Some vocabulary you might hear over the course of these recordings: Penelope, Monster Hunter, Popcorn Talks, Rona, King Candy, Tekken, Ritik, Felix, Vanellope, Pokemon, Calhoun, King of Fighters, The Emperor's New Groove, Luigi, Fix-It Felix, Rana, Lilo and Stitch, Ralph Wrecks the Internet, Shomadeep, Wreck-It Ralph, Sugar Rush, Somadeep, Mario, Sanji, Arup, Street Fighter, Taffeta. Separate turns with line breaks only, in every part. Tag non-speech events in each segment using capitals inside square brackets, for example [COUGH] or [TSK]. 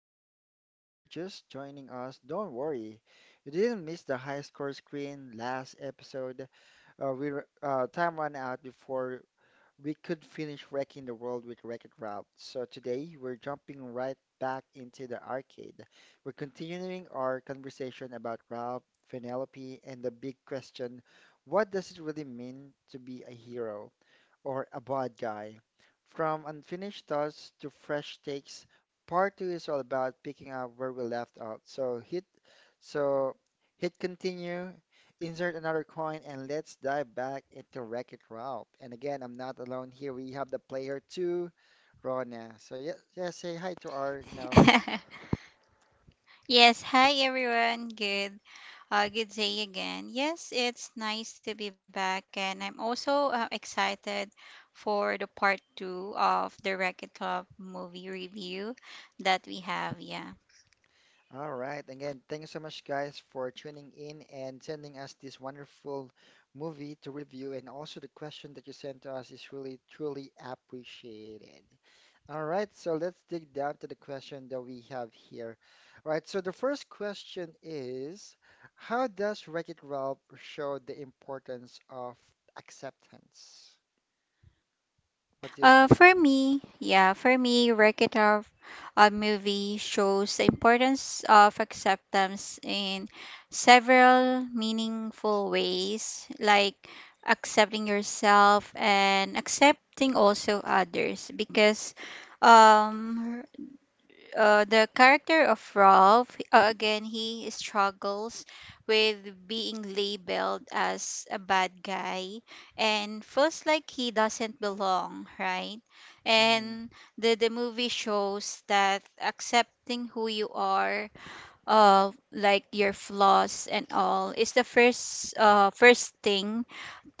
Talks. And if you're just joining us, don't worry. You didn't miss the high score screen last episode. Time ran out before we could finish wrecking the world with Wreck-It Ralph. So today we're jumping right back into the arcade. We're continuing our conversation about Ralph, Penelope, and the big question, what does it really mean to be a hero or a bad guy? From unfinished thoughts to fresh takes, part two is all about picking up where we left off. So so hit continue, insert another coin, and let's dive back into Wreck-It Ralph. And again, I'm not alone here. We have the player two, Rona. So yeah, yeah, say hi to our.
[LAUGHS] Yes, hi everyone. Good. Good day again. Yes, it's nice to be back, and I'm also excited for the part two of the Wreck It Club movie review that we have. Yeah.
All right. Again, thank you so much, guys, for tuning in and sending us this wonderful movie to review. And also, the question that you sent to us is really, truly appreciated. All right. So, let's dig down to the question that we have here. All right. So, the first question is, how does Wreck-It Ralph show the importance of acceptance? What do you
Uh,
think?
for me, yeah, for me, Wreck-It Ralph, movie shows the importance of acceptance in several meaningful ways, like accepting yourself and accepting also others, because um, the character of Ralph, again, he struggles with being labeled as a bad guy and feels like he doesn't belong, right?
Mm-hmm.
And the movie shows that accepting who you are, like your flaws and all, is the first thing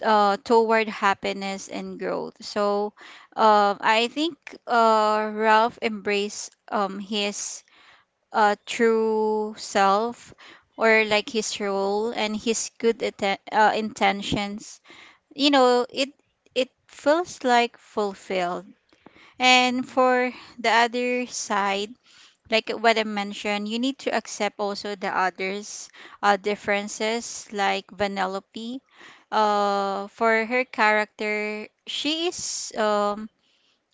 toward happiness and growth. So, I think Ralph embraced his true self or like his role and his good intentions, you know it it feels like fulfilled. And for the other side, like what I mentioned, you need to accept also the others' differences, like Vanellope. For her character, she is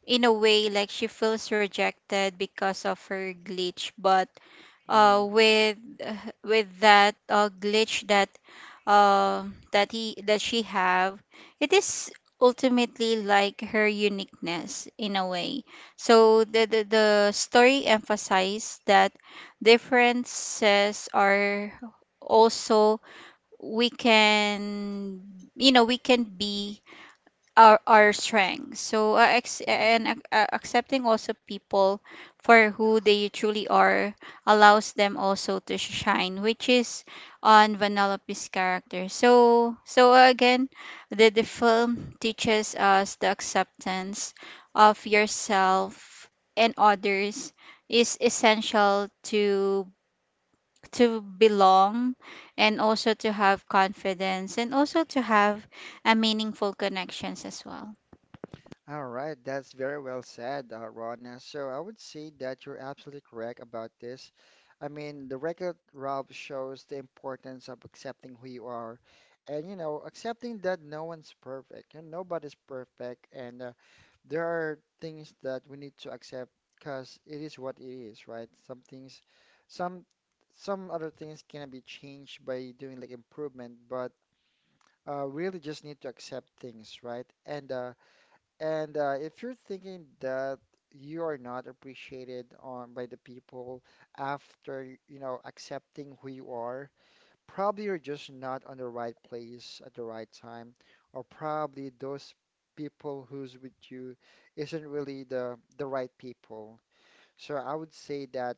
in a way, like she feels rejected because of her glitch, but
Mm-hmm.
with [LAUGHS] with that glitch that uh, that he that she have, it is ultimately like her uniqueness in a way. So the story emphasized that differences are also, we can, we can be our strengths. So
Mm-hmm.
accepting also people for who they truly are allows them also to shine, which is on Vanellope's character. So, again, the film teaches us the acceptance of yourself and others is essential to belong, and also to have confidence and also to have a meaningful connections as well.
All right, that's very well said, Rona. So I would say that you're absolutely correct about this. I mean, the record, Rob, shows the importance of accepting who you are and accepting that no one's perfect and nobody's perfect. And there are things that we need to accept because it is what it is, right? Some, some other things can be changed by doing like improvement, but really just need to accept things, right? And if you're thinking that you are not appreciated on by the people after, accepting who you are, probably you're just not on the right place at the right time, or probably those people who's with you isn't really the right people. So I would say that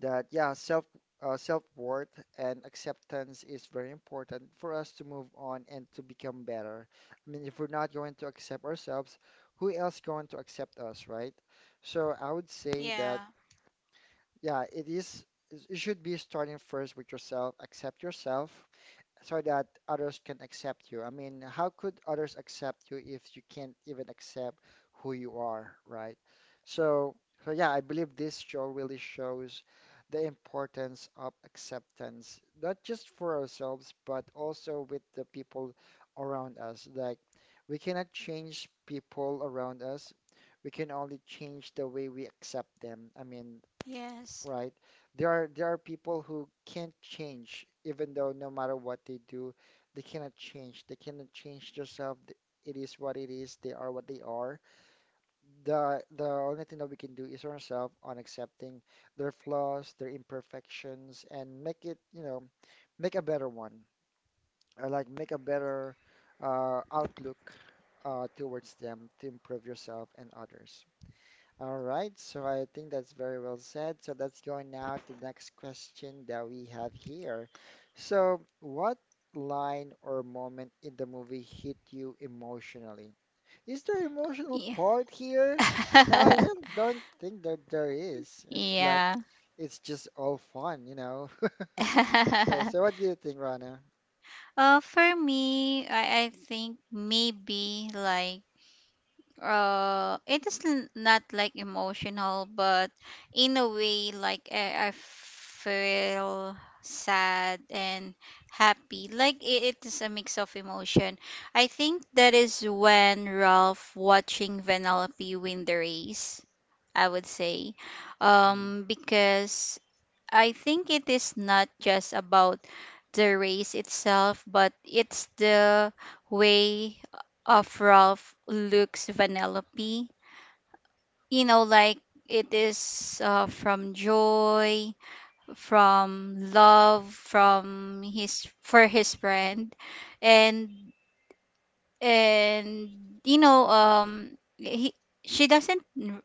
that yeah, self uh, self-worth and acceptance is very important for us to move on and to become better. I mean, if we're not going to accept ourselves, who else going to accept us, right? So I would say
Yeah.
that it should be starting first with yourself, accept yourself, so that others can accept you. I mean, how could others accept you if you can't even accept who you are, right? So, so, yeah, I believe this show really shows the importance of acceptance, not just for ourselves, but also with the people around us. Like, we cannot change people around us. We can only change the way we accept them. I mean.
Yes.
Right. there are people who can't change, even though no matter what they do, they cannot change. They cannot change themselves. It is what it is. They are what they are. The only thing that we can do is ourselves on accepting their flaws, their imperfections, and make it, you know, make a better one. Or like make a better outlook towards them to improve yourself and others. All right, so I think that's very well said. So let's go now to the next question that we have here. So, what line or moment in the movie hit you emotionally? Is there emotional
Yeah.
part here? No, I really
[LAUGHS]
don't think that there is. It's like,
Yeah.
it's just all fun. [LAUGHS] So,
[LAUGHS]
what do you think, Rana?
For me, I think maybe like it is not like emotional, but in a way, like I feel sad and happy, like it is a mix of emotion. I think that is when Ralph watching Vanellope win the race, I would say,
Mhm.
because I think it is not just about the race itself, but it's the way of Ralph looks Vanellope. You know, like it is from joy, from love, from his for his friend, and and he, she doesn't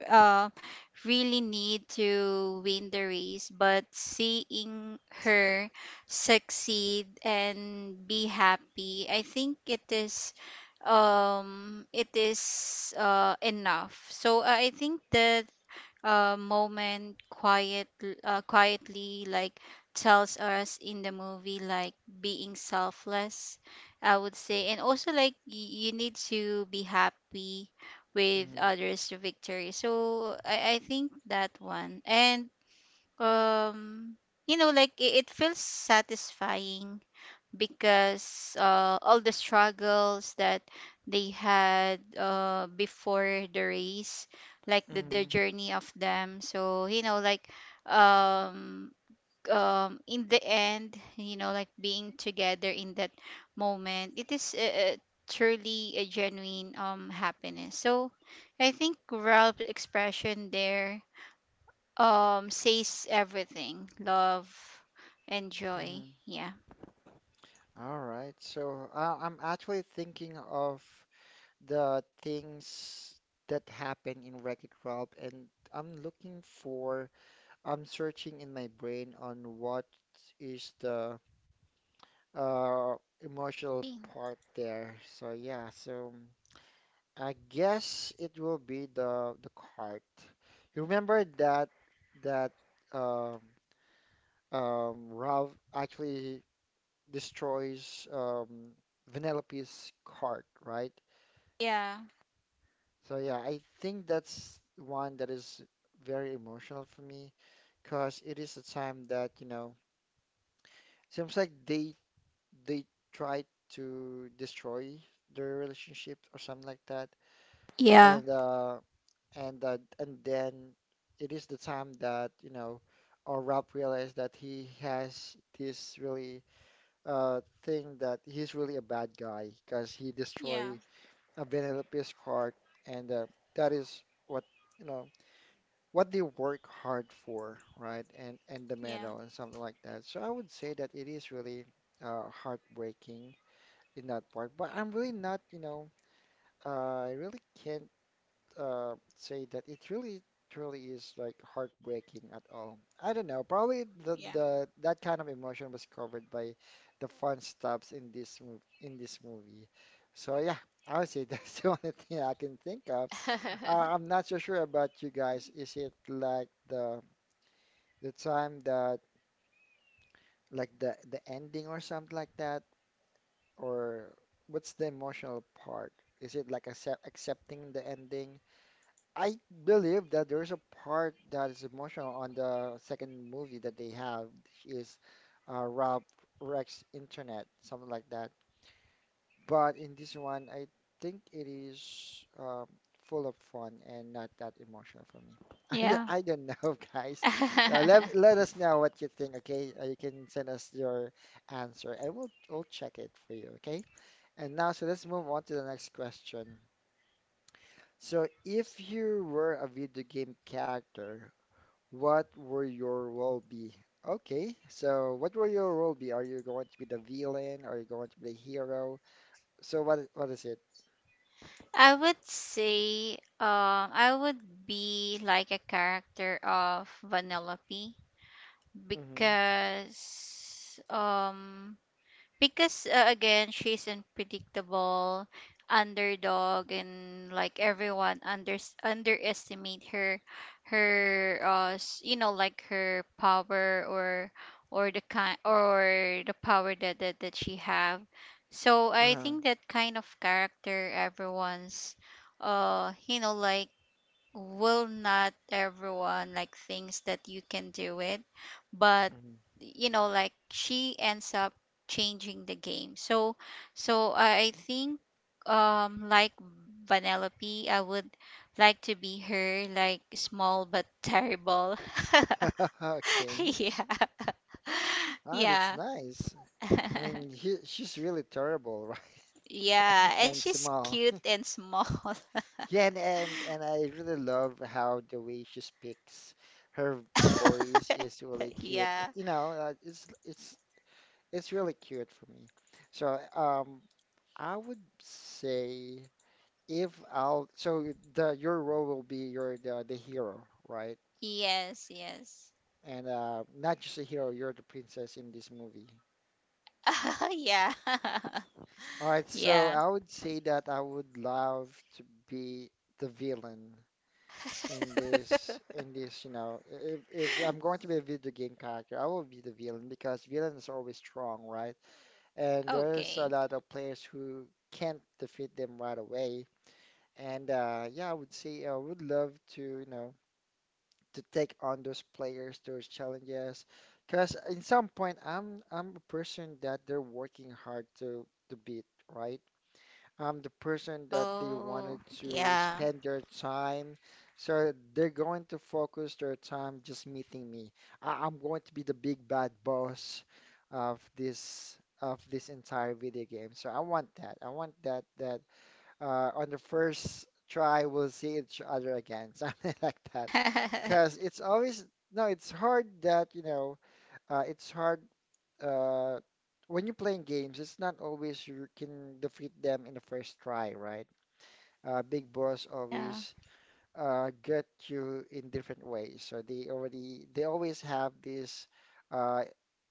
uh, really need to win the race, but seeing her succeed and be happy, I think it is enough. So I think that moment quiet quietly, like, tells us in the movie, like being selfless, I would say. And also like, you need to be happy with
Mhm.
others' victory. So I think that one, and um you know, like it feels satisfying because all the struggles that they had before the race, like the
Mhm.
journey of them. So, you know, like um, in the end, you know, like being together in that moment, it is truly a genuine happiness. So, I think Ralph's expression there, says everything, love and joy.
Mhm.
Yeah.
All right. So, I'm actually thinking of the things that happen in Wreck-It Ralph, and I'm looking for, I'm searching in my brain on what is the uh, emotional part there. So yeah, I guess it will be the cart. You remember that um, Ralph actually destroys Vanellope's cart, right?
Yeah.
So yeah, I think that's one that is very emotional for me because it is a time that seems like they try to destroy their relationship or something like that.
Yeah.
And uh and then it is the time that or Rob realized that he has this really thing that he's really a bad guy because he
Yeah,
destroyed a Penelope's card and that is what you know what they work hard for, right? And the
yeah,
medal and something like that. So I would say that it is really heartbreaking in that part. But I'm really not, I really can't say that it really truly is like heartbreaking at all. I don't know. Probably
yeah.
the that kind of emotion was covered by the fun stops in this movie. So yeah, I would say that's [LAUGHS] the only thing I can think of.
[LAUGHS]
I'm not so sure about you guys. Is it like the time that like the ending or something like that, or what's the emotional part? Is it like accepting the ending? I believe that there's a part that is emotional on the second movie that they have which is Rob Rex Internet, something like that. But in this one, I think it is full of fun and not that emotional for me. [LAUGHS] I don't
Yeah.
I don't know, [LAUGHS] guys. Uh,
I
let let us know what you think, okay? You can send us your answer, and we'll check it for you, okay? And now, so let's move on to the next question. So, if you were a video game character, what would your role be? Okay, so what will your role be? Are you going to be the villain? Are you going to be the hero? So, what is it?
would say, I would be like a character of Vanellope
Hmm.
because again, she's unpredictable, underdog, and like everyone underestimate her, you know, like her power, or the kind or the power that, that she have. So I
Uh-huh.
think that kind of character, everyone's you know, like, will not everyone like thinks that you can do it, but
Hmm.
you know, like she ends up changing the game. So I think, like Vanellope, I would like to be her, like small but terrible.
[LAUGHS] Okay.
[LAUGHS] Yeah. [LAUGHS]
Ah, that's
Yeah.
nice. I
[LAUGHS]
mean, she's really terrible, [LAUGHS] right?
Yeah, and
And
she's
small.
cute and small. [LAUGHS]
Yeah, and I really love how the way she speaks. Her voice is really
Yeah.
cute. You know, uh, it's it's it's really cute for me. So, I would say if I'll so the your role will be you're the hero, right?
Yes, yes.
And not just a hero, you're the princess in this movie.
[LAUGHS] Yeah. [LAUGHS]
All right, so
Yeah.
I would say that I would love to be the villain in this in
[LAUGHS]
this, you know, if if I'm going to be a video game character, I will be the villain because villains are always strong, right? And there's a lot
Okay.
of players who can't defeat them right away. And yeah, I would say I would love to take on those players, those challenges, because in some point I'm a person that they're working hard to beat, right? I'm the person that they wanted
Oh,
to spend their
yeah.
time. So they're going to focus their time just meeting me. I'm going to be the big bad boss of this entire video game. So I want that. I want that on the first try we'll see each other again, [LAUGHS] something like that. Because it's
[LAUGHS]
always no, it's hard uh, it's hard uh, when you're playing games, it's not always you can defeat them in the first try, right? Big Boss always
Yeah.
get you in different ways. So they always have this uh,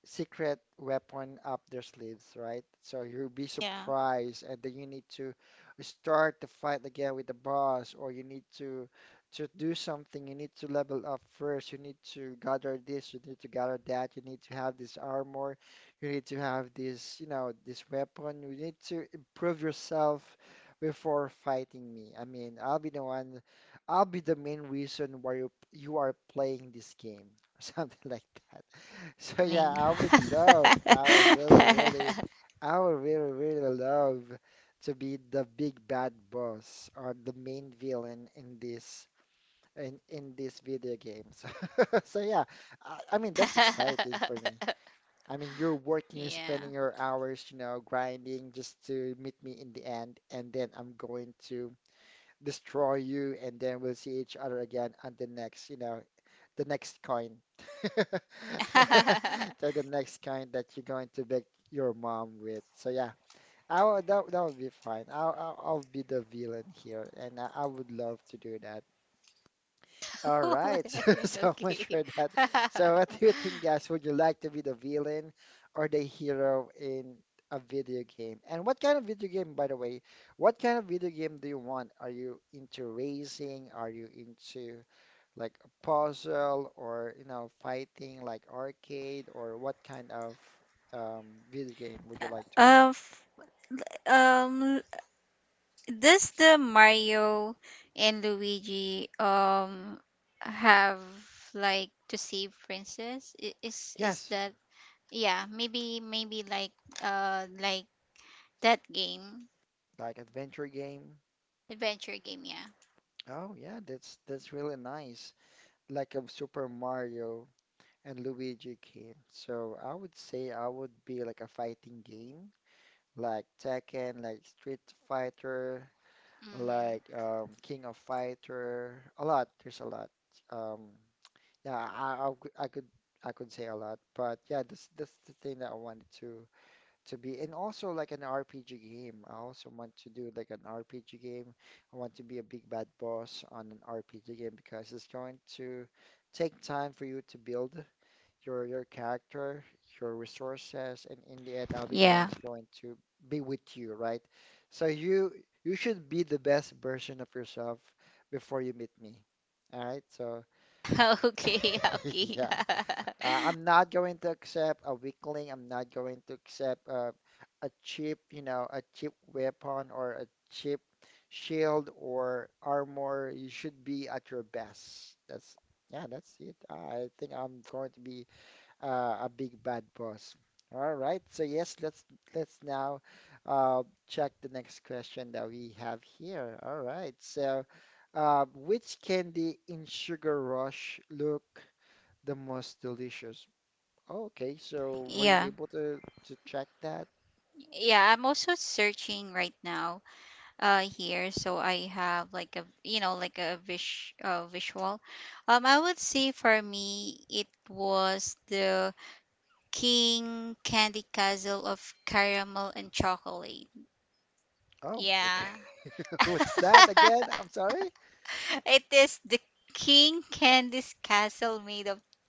secret weapon up their sleeves, right? So you'll be surprised, and
Yeah.
then you need to start the fight again with the boss, or you need to do something. You need to level up first. You need to gather this. You need to gather that. You need to have this armor. You need to have this weapon. You need to improve yourself before fighting me. I mean, I'll be the main reason why you are playing this game or [LAUGHS] something like that. So yeah,
Bling.
I would
[LAUGHS]
love, I would really, really, I would really, really love to be the big bad boss or the main villain in this video game. [LAUGHS] So, yeah, I mean that's exciting for me. I mean you're working, you're spending your
Yeah.
hours, grinding just to meet me in the end, and then I'm going to destroy you, and then we'll see each other again on the next coin. [LAUGHS] So the
[LAUGHS]
next kind that you're going to beg your mom with. So yeah, I would, that that would be fine. I'll be the villain here, and I would love to do that. All
Oh
right, [LAUGHS]
my
so, so
God,
much for
okay.
that. So,
[LAUGHS]
what do you think, guys? Would you like to be the villain or the hero in a video game? And what kind of video game, by the way? What kind of video game do you want? Are you into racing? Are you into like a puzzle or fighting like arcade? Or what kind of video game would you like to be?
Uh, f- um, does the Mario and Luigi have like to save princess? Is
Yes,
that, yeah, maybe maybe like that game,
like adventure game.
adventure game, yeah.
Oh, yeah, that's really nice. Like a Super Mario and Luigi King. So I would say I would be like a fighting game, like Tekken, like Street Fighter,
Mhm.
like King of Fighter. A lot. There's a lot. Um, yeah, I could I could I could say a lot, but yeah, this that's the thing that I wanted to be, and also like an RPG game. I also want to do like an RPG game. I want to be a big bad boss on an RPG game because it's going to take time for you to build your character, your resources, and in the end, I'll
Yeah.
be the one's going to be with you, right? So you should be the best version of yourself before you meet me. All right, so
[LAUGHS] Okay, okay.
[LAUGHS]
[LAUGHS]
yeah, I'm not going to accept a weakling. I'm not going to accept a cheap, you know, a cheap weapon or a cheap shield or armor. You should be at your best. That's yeah, that's it. I think I'm going to be a big bad boss. All right, so yes, let's now check the next question that we have here. All right, so which candy in Sugar Rush look the most delicious? Okay, so were you
Yeah.
able to check that?
Yeah, I'm also searching right now here, so I have like a, you know, like a visual. I would say for me it was the King Candy Castle of Caramel and Chocolate.
Oh, okay.
Yeah.
[LAUGHS] What's that again?
[LAUGHS]
I'm sorry.
It is the King Candy's castle made of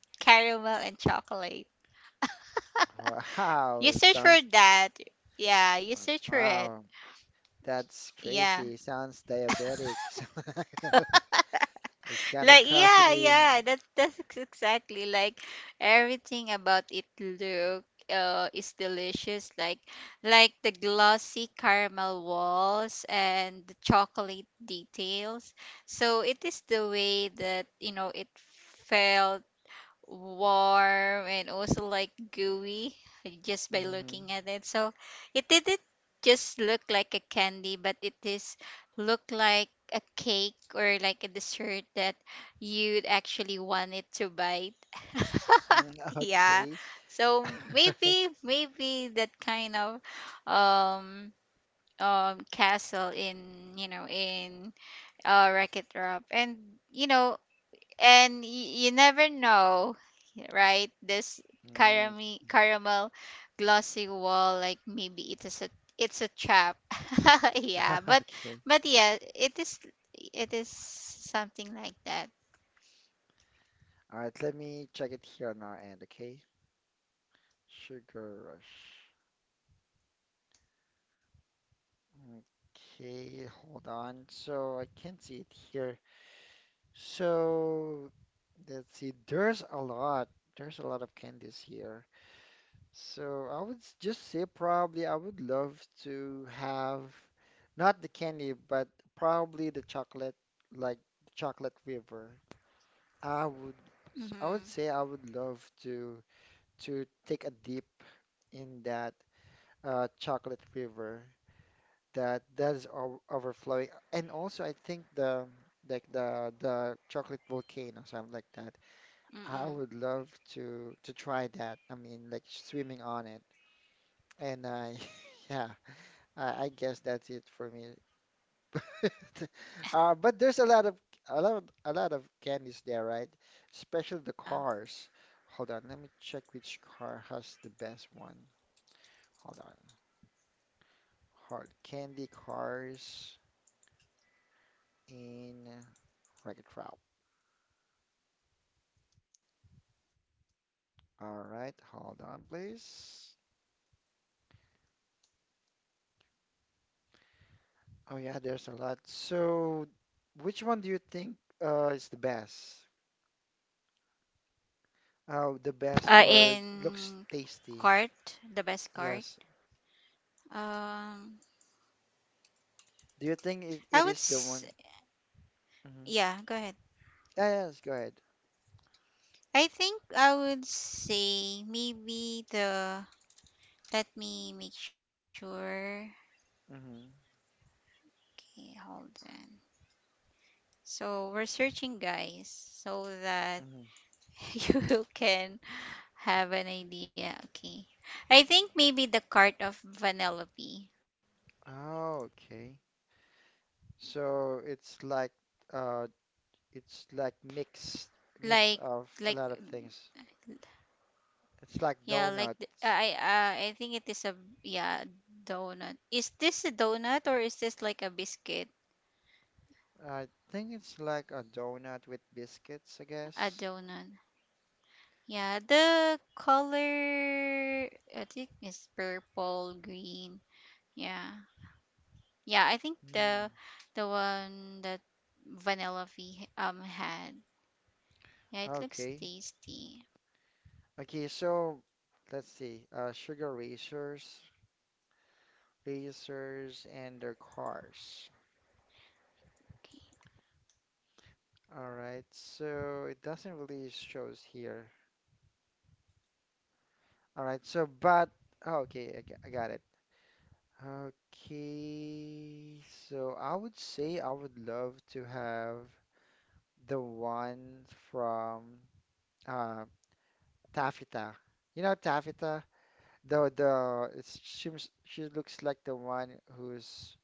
caramel and chocolate. You
Wow,
search for
sounds
that. Yeah, you search for it.
wow. That's
Yeah.
crazy. Sounds diabetic. [LAUGHS] So [LAUGHS]
[LAUGHS]
it's gonna
Like,
cost
yeah,
me.
yeah, that's exactly like, everything about it look is delicious, like the glossy caramel walls and the chocolate details. So it is the way that, you know, it felt warm and also like gooey just by
Mhm.
looking at it. So it didn't just look like a candy, but it is look like a cake or like a dessert that you'd actually want it to bite. [LAUGHS]
Mm,
Yeah.
okay.
So
[LAUGHS]
maybe maybe that kind of um castle in, you know, in Wreck-It Ralph, and you know, and you never know, right? This
Mm,
caramel, caramel glossy wall, like maybe it is a, it's a trap. [LAUGHS] Yeah,
[LAUGHS] okay.
but yeah, it is, it is something like that.
All right, let me check it here on our end, okay? Sugar rush. Okay, hold on. So I can't see it here. So let's see. There's a lot. There's a lot of candies here. So I would just say probably I would love to have not the candy, but probably the chocolate, like chocolate river. I would I
Mm-hmm.
would say I would love to take a dip in that chocolate river that is o overflowing, and also I think the like the chocolate volcano something like that. I
Mm-mm.
would love to try that. I mean, like swimming on it, and I [LAUGHS] yeah, I guess that's it for me. [LAUGHS] But there's a lot of a lot of candies there, right? Especially the
Yeah.
cars. Hold on, let me check which car has the best one. Hold on. Hard candy cars in Wreck-It Ralph. All right, hold on, please. Oh yeah, there's a lot. So, which one do you think is the best? Oh, the best or looks
In
tasty?
cart, the best cart.
Yes.
Um,
Do you think it is
I
the
would.
one? Hmm.
Yeah, go ahead.
Yeah, yes, go ahead.
I think I would say maybe the. Let me make sure.
Mm-hmm.
Okay, hold on. So we're searching, guys, so that
Mhm.
[LAUGHS] you can have an idea. Okay. I think maybe the cart of Vanellope.
Oh, okay. So uh it's like
Like
mix of
like,
a lot of things. It's like
yeah, like the,
donuts.
I think it is a, yeah, donut. Is this a donut, or is this like a biscuit?
I think it's like a donut with biscuits, I
A
guess.
donut. Yeah, the color I think is purple, green. Yeah. Yeah, I think
Hmm.
the one that Vanilla V had. Yeah, it looks
Okay.
tasty.
Okay, so let's see. Sugar racers, racers and their cars.
Okay.
All right. So it doesn't really shows here. All right. So but oh, okay, I got it. Okay, so I would say I would love to have the one from uh Taffeta. You know Taffeta? She looks like the one who's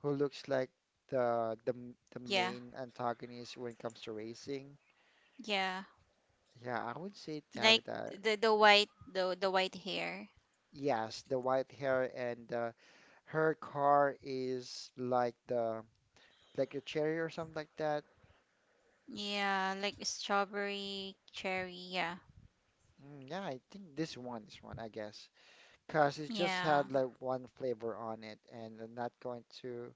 who looks like the
Yeah,
main antagonist when it comes to racing.
yeah.
Yeah, I would say
Like
Taffeta.
the white, the white hair.
Yes, the white hair and her car is like the like a cherry or something like that.
Yeah, like strawberry, cherry. Yeah,
Mm, yeah, I think this one, I guess, because it just had
yeah.
like one flavor on it, and I'm not going to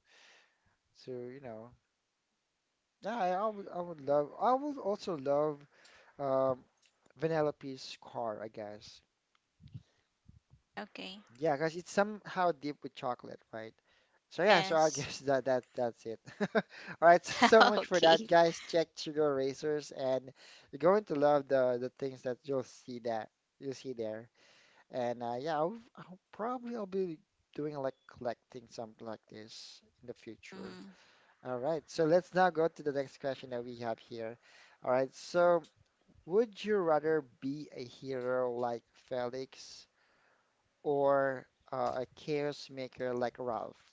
you know. Yeah, I would also love um, Vanellope's car, I guess.
Okay.
Yeah, because it's somehow deep with chocolate, right? So yeah, so I [LAUGHS]
Yes.
guess that's it. [LAUGHS] All right, so, so much
[LAUGHS]
for that,
Okay.
guys. Check Sugar Racers, and you're going to love the things that you'll see there. And yeah, I'll be doing like collecting something like this in the future.
hmm
All right, so let's now go to the next question that we have here. All right, so would you rather be a hero like Felix or a chaos maker like Ralph?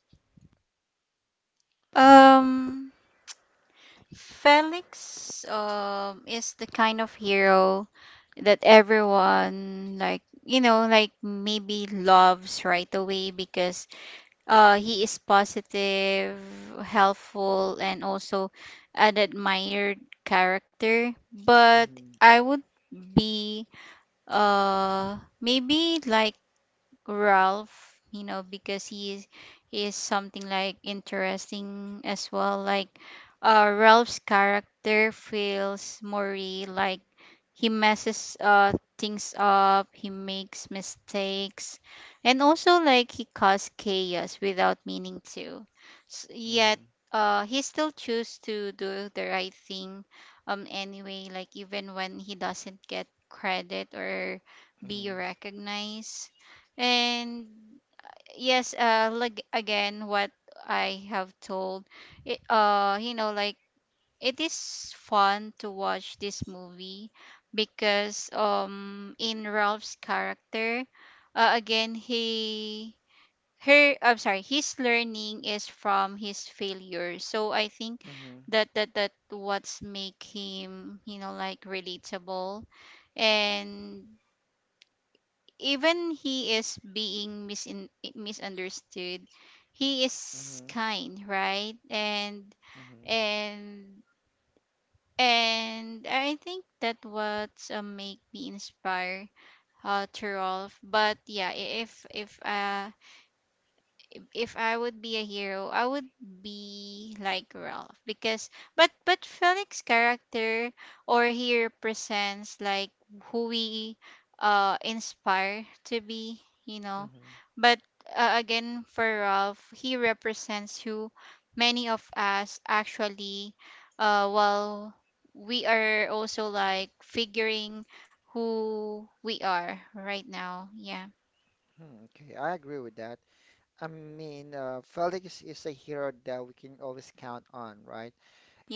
Um. Felix is the kind of hero that everyone, like, you know, like maybe loves right away because he is positive, helpful, and also an admired character. But
Mhm,
I would be maybe like Ralph, you know, because he is something like interesting as well. Like Ralph's character feels more real, like he messes things up, he makes mistakes, and also like he caused chaos without meaning to. S Yet
mhm,
he still choose to do the right thing anyway, like even when he doesn't get credit or be
mhm,
recognized. And yes, like again, what I have told it, you know, like it is fun to watch this movie because, in Ralph's character, again, he her I'm sorry his learning is from his failure. So I think
mhm,
that that what's make him, you know, like relatable. And even he is being misunderstood, he is
mhm,
kind, right? and
mhm,
and and I think that what make me inspire to Rolf. But yeah, if if I would be a hero, I would be like Ralph, because, but Felix character, or he represents like who we inspire to be, you know.
mhm.
But again, for Ralph, he represents who many of us actually while we are also like figuring who we are right now. Yeah.
Hmm, okay, I agree with that. I mean, Felix is a hero that we can always count on, right?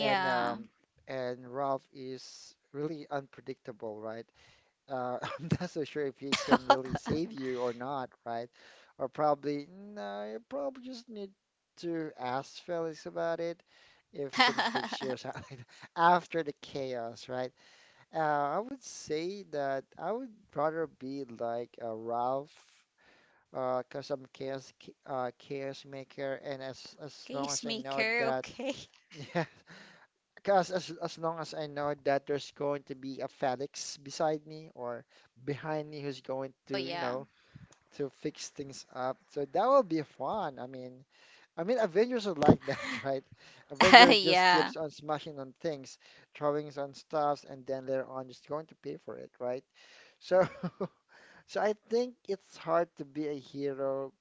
And and Ralph is really unpredictable, right? [LAUGHS] I'm not so sure if he can really save you or not, right? Or probably no, you probably just need to ask Felix about it if he can fix you or
[LAUGHS]
something [LAUGHS] like that, after the chaos, right? I would say that I would rather be like a Ralph, cause I'm chaos maker, and as long
Case
as I know
maker,
that.
okay. [LAUGHS]
[LAUGHS] Because as long as I know that there's going to be a Felix beside me or behind me who's going
Oh
to, you
yeah.
know, to fix things up. So that will be fun. I mean Avengers are like that, [LAUGHS] right? Avengers just
[LAUGHS]
keeps
Yeah.
on smashing on things, throwing on stuffs, and then later on just going to pay for it, right? So [LAUGHS] so I think it's hard to be a hero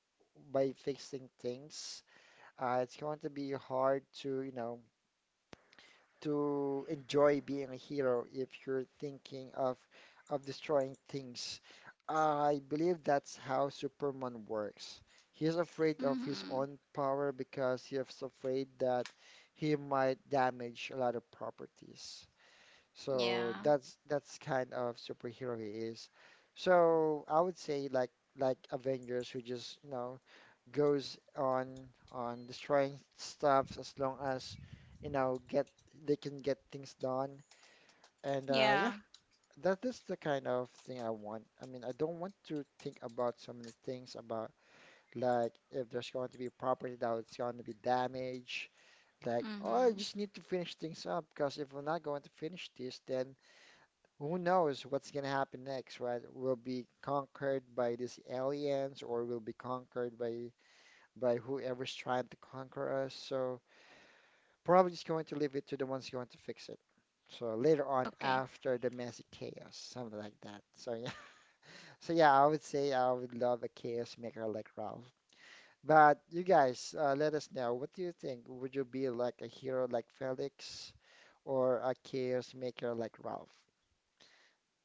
by fixing things. It's going to be hard to, you know, to enjoy being a hero if you're thinking of destroying things. I believe that's how Superman works. He's afraid of his
Mm-hmm.
own power because he's afraid that he might damage a lot of properties. So
Yeah.
that's kind of superhero he is. So I would say like Avengers who just, you know, goes on destroying stuff as long as you know get they can get things done. And yeah,
Yeah.
that is the kind of thing I want. I mean, I don't want to think about so many things about like if there's going to be property that it's going to be damaged. Like, oh, I
Mm-hmm.
just need to finish things up because if we're not going to finish this, then who knows what's going to happen next, right? We'll be conquered by these aliens or we'll be conquered by whoever's trying to conquer us. So probably just going to leave it to the ones going to fix it. So later on,
Okay.
after the messy chaos, something like that. So [LAUGHS] yeah, so yeah, I would say I would love a chaos maker like Ralph. But you guys, let us know. What do you think? Would you be like a hero like Felix, or a chaos maker like Ralph?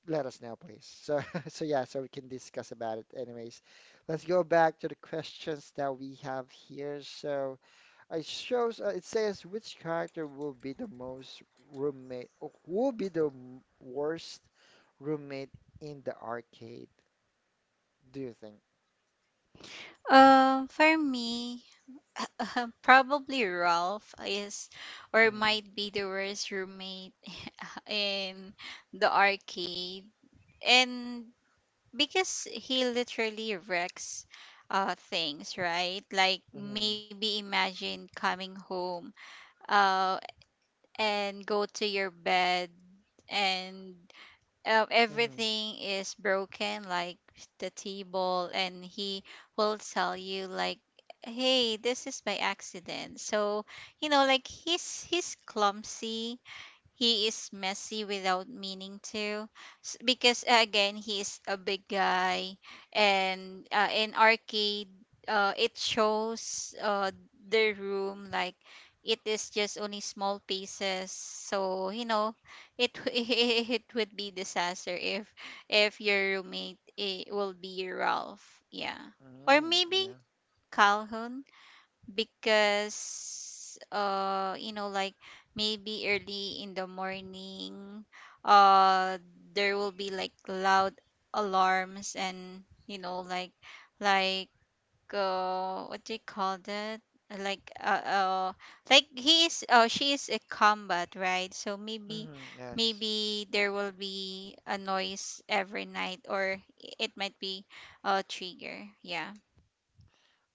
Let us know, please. So [LAUGHS] so yeah, so we can discuss about it. Anyways, let's go back to the questions that we have here. So it shows, it says which character will be the most roommate, oh, will be the worst roommate in the arcade, do you think?
For me, [LAUGHS] probably Ralph is or
Mm-hmm.
might be the worst roommate in the arcade. And because he literally wrecks things, right? Like,
Mm-hmm.
maybe imagine coming home uh and go to your bed, and uh,
Mm-hmm.
everything is broken, like the table, and he will tell you like, "Hey, this is by accident." So you know, like he's clumsy, he is messy without meaning to. Because again, he is a big guy, and in arcade, it shows the room, like it is just only small pieces. So you know, it [LAUGHS] it would be disaster if your roommate it will be Ralph, yeah, or
Mm,
maybe
yeah.
Calhoun, because you know, like maybe early in the morning uh there will be like loud alarms and you know, like what do you call that, like uh, uh like he is she is a combat, right? So maybe
Mm-hmm. Yes.
maybe there will be a noise every night, or it might be a trigger, yeah.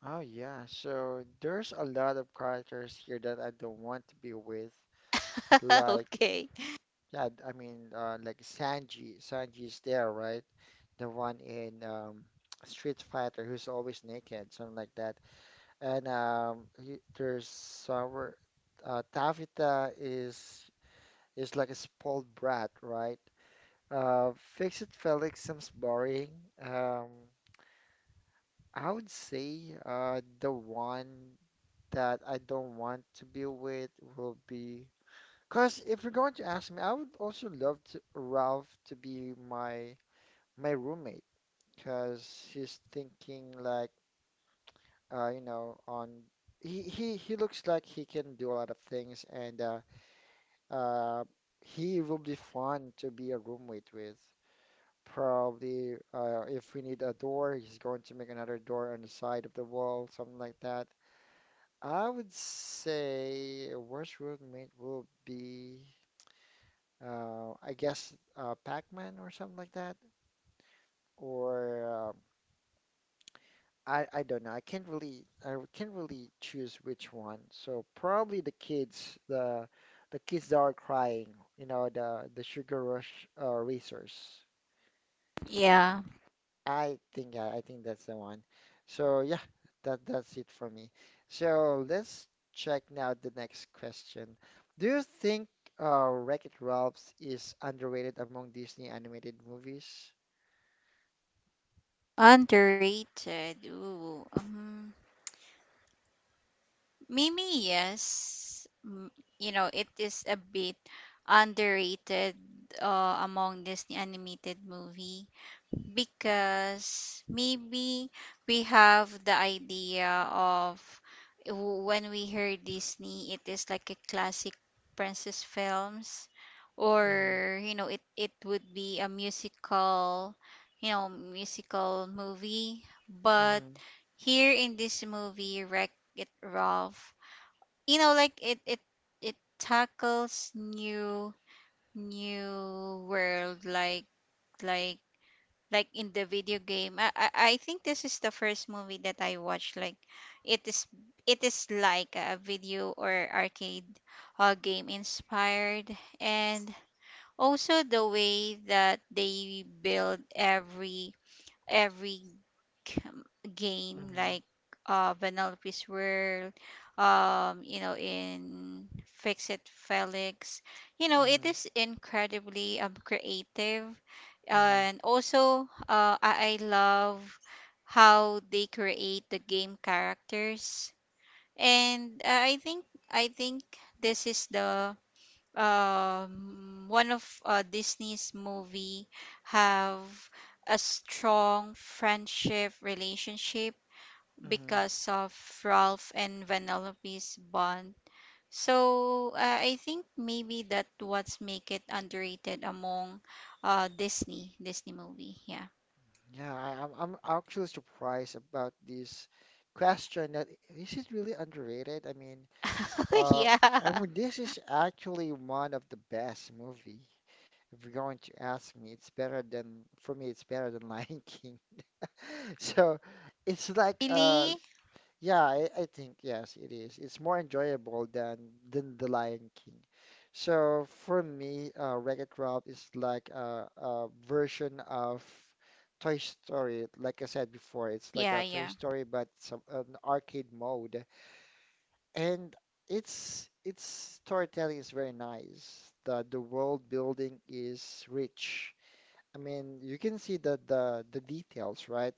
Oh, yeah. So there's a lot of characters here that I don't want to be with.
[LAUGHS]
Like,
Okay.
yeah, I mean, like Sanji. Sanji's there, right? The one in [TSK] Street Fighter who's always naked, something like that, and there's our Tavita is like a spoiled brat, right? Uh, Fix-It Felix seems boring. Um, I would say the one that I don't want to be with will be. Because if you're going to ask me, I would also love to, Ralph to be my roommate. Because he's thinking like, you know, on he looks like he can do a lot of things and Uh, he will be fun to be a roommate with. Probably, if we need a door, he's going to make another door on the side of the wall, something like that. I would say a worst roommate will be, I guess, Pac-Man or something like that. Or I don't know. I can't really choose which one. So probably the kids, the kids that are crying, you know, the sugar rush racers.
Yeah.
I think yeah, I think that's the one. So yeah, that that's it for me. So let's check now the next question. Do you think Wreck-It Ralph is underrated among Disney animated movies?
Underrated. Ooh. Maybe yes. Mm, you know, it is a bit underrated among Disney animated movie because maybe we have the idea of, when we hear Disney, it is like a classic princess films,
Mm-hmm,
or you know, it would be a musical, you know, musical movie. But
mm-hmm,
here in this movie, Wreck It Ralph, you know, like it it tackles new, new world, like like in the video game. I think this is the first movie that I watched. Like it is it is like a video or arcade game inspired, and also the way that they build every um, game
mm-hmm,
like Penelope's World, you know, in Fix It Felix. You know, it
mm-hmm,
is incredibly creative.
mm-hmm,
And also, I love how they create the game characters. And I think this is the one of Disney's movie have a strong friendship relationship
mm-hmm.
because of Ralph and Vanellope's bond. So I think maybe that what's make it underrated among Disney movie. Yeah.
Yeah, I'm actually surprised about this question that is it really underrated? I mean,
[LAUGHS]
uh,
Yeah.
I mean, this is actually one of the best movie. If you're going to ask me, it's better than, for me, it's better than [LAUGHS] Lion King. So it's like,
Really?
yeah, I think yes, it is. It's more enjoyable than the Lion King. So for me, Wreck-It Ralph is like a version of Toy Story. Like I said before, it's like
Yeah,
a Toy
yeah.
Story, but some an arcade mode. And it's its storytelling is very nice. The world building is rich. I mean, you can see the the details, right?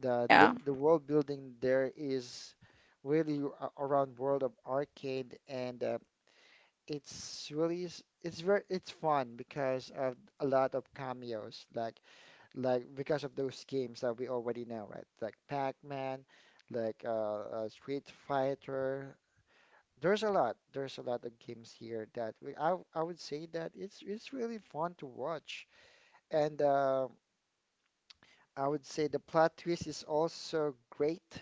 The,
Yeah.
the the world building there is really around World of Arcade, and it's very it's fun because of a lot of cameos, like because of those games that we already know, right? Like Pac-Man, like Street Fighter, there's a lot. There's a lot of games here that I would say that it's really fun to watch, and I would say the plot twist is also great.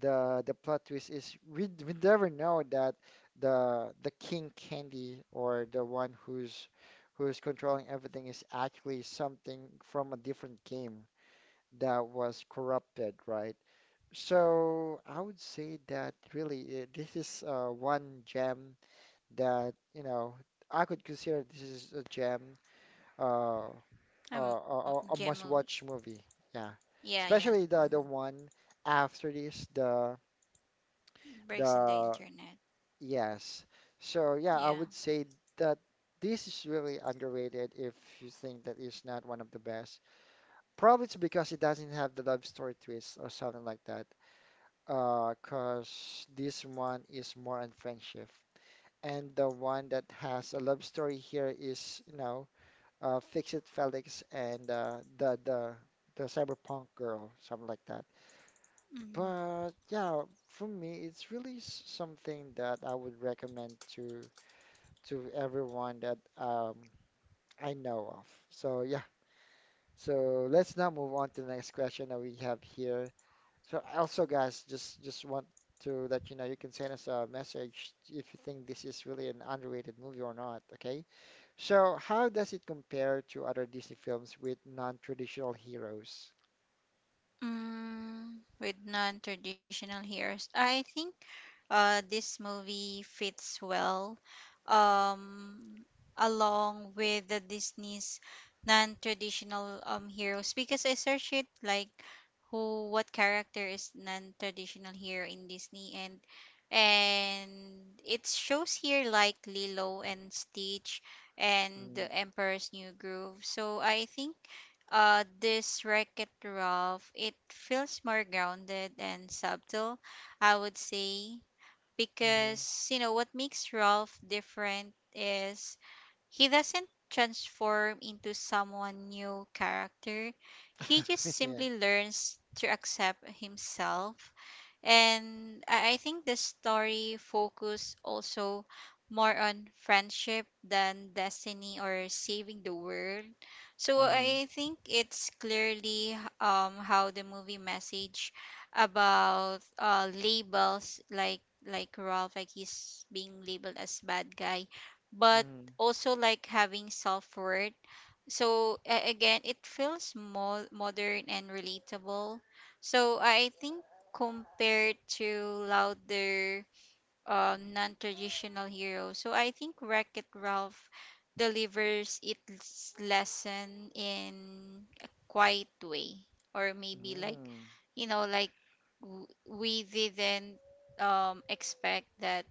The plot twist is we never know that the King Candy or the one who's controlling everything is actually something from a different game that was corrupted, right? So I would say that really this is one gem that I could consider this is a gem, uh, a,
Um, gem
a, a
movie.
must-watch movie. Yeah,
Yeah, yeah.
especially
Hmm.
the one after this,
Breaks in the
the
internet.
yes. So yeah,
Yeah.
I would say that this is really underrated if you think that it's not one of the best. Probably it's because it doesn't have the love story twist or something like that. 'Cause this one is more on friendship. And the one that has a love story here is, you know, Fix It Felix and the cyberpunk girl, something like that.
Mm.
But yeah, for me, something that I would recommend to everyone that I know of. So yeah, so let's now move on to the next question that we have here. So also, guys, just want to let you know you can send us a message if you think this is really an underrated movie or not, okay? So how does it compare to other Disney films with non-traditional heroes?
Mm, with non-traditional heroes. I think this movie fits well um along with the Disney's non-traditional heroes because I searched it like who what character is non-traditional hero in Disney and it shows here like Lilo and Stitch and the
Mm,
Emperor's New Groove. So I think this Wreck-It Ralph, it feels more grounded and subtle, I would say,
mhm,
because you know what makes Ralph different is he doesn't transform into someone new character. He just
[LAUGHS] Yeah.
simply learns to accept himself, and I think the story focus also more on friendship than destiny or saving the world. So
Mhm,
I think it's clearly how the movie message about labels like Ralph like he's being labeled as bad guy, but
mhm.
also like having self worth so again, it feels more modern and relatable. So I think compared to louder non-traditional heroes, so I think Wreck-It Ralph delivers its lesson in a quiet way, or maybe like
Mm.
you know, like we didn't expect that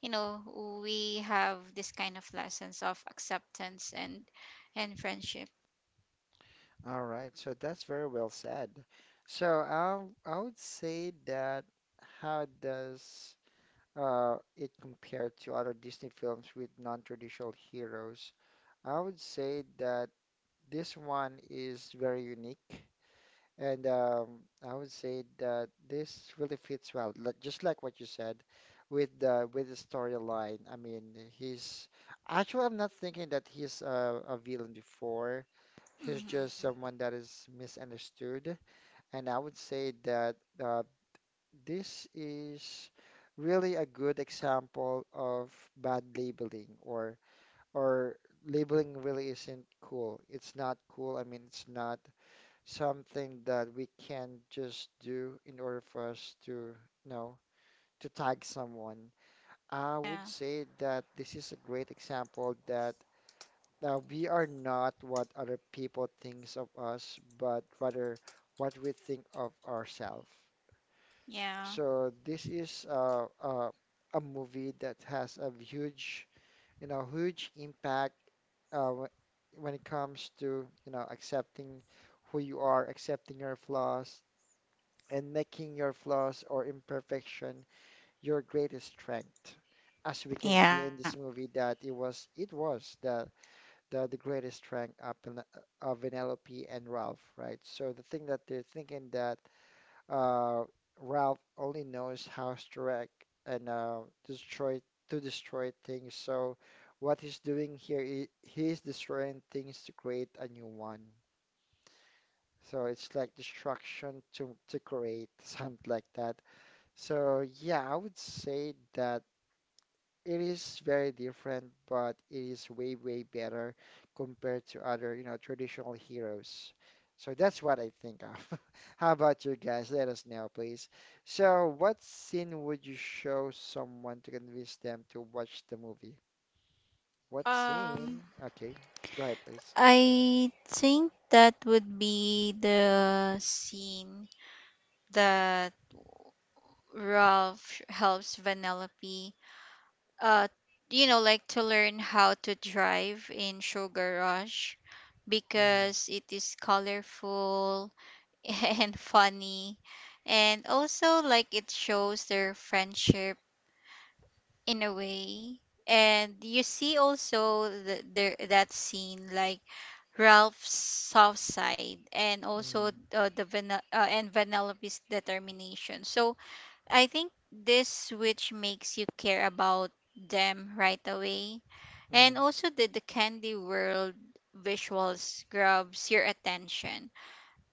you know we have this kind of lessons of acceptance and friendship.
All right, so that's very well said. So I would say that how does it compare to other Disney films with non-traditional heroes? I would say that this one is very unique, and I would say that this really fits well, like, just like what you said, with the storyline. I mean, he's actually I'm not thinking that he's a villain before. He's just
Mm-hmm.
someone that is misunderstood, and I would say that uh, this is really a good example of bad labeling or or labeling really isn't cool. It's not cool. I mean, it's not something that we can just do in order for us to, you know, to tag someone. I would
Yeah.
say that this is a great example that we are not what other people thinks of us, but rather what we think of ourselves.
Yeah.
So this is a movie that has a huge you know, huge impact when it comes to, you know, accepting who you are, accepting your flaws, and making your flaws or imperfection your greatest strength. As we can
Yeah.
see in this movie, that it was the the greatest strength of, of Penelope and Ralph, right? So the thing that they're thinking that uh, Ralph only knows how to wreck and destroy destroy things. So what he's doing here, is he's destroying things to create a new one. So it's like destruction to create, [LAUGHS] something like that. So yeah, I would say that it is very different, but it is way, way better compared to other, you know, traditional heroes. So that's what I think of. [LAUGHS] How about you guys? Let us know, please. So, what scene would you show someone to convince them to watch the movie? What
Um,
scene? Okay, go ahead, please.
I think that would be the scene that Ralph helps Vanellope, uh, you know, like to learn how to drive in Sugar Rush
Mhm,
because it is colorful [LAUGHS] and funny. And also, like, it shows their friendship in a way and you see also the that scene like Ralph's soft side and also
mhm,
the Vanel- and Vanellope's determination, so I think this which makes you care about them right away, and
mhm,
also the candy world visuals grabs your attention,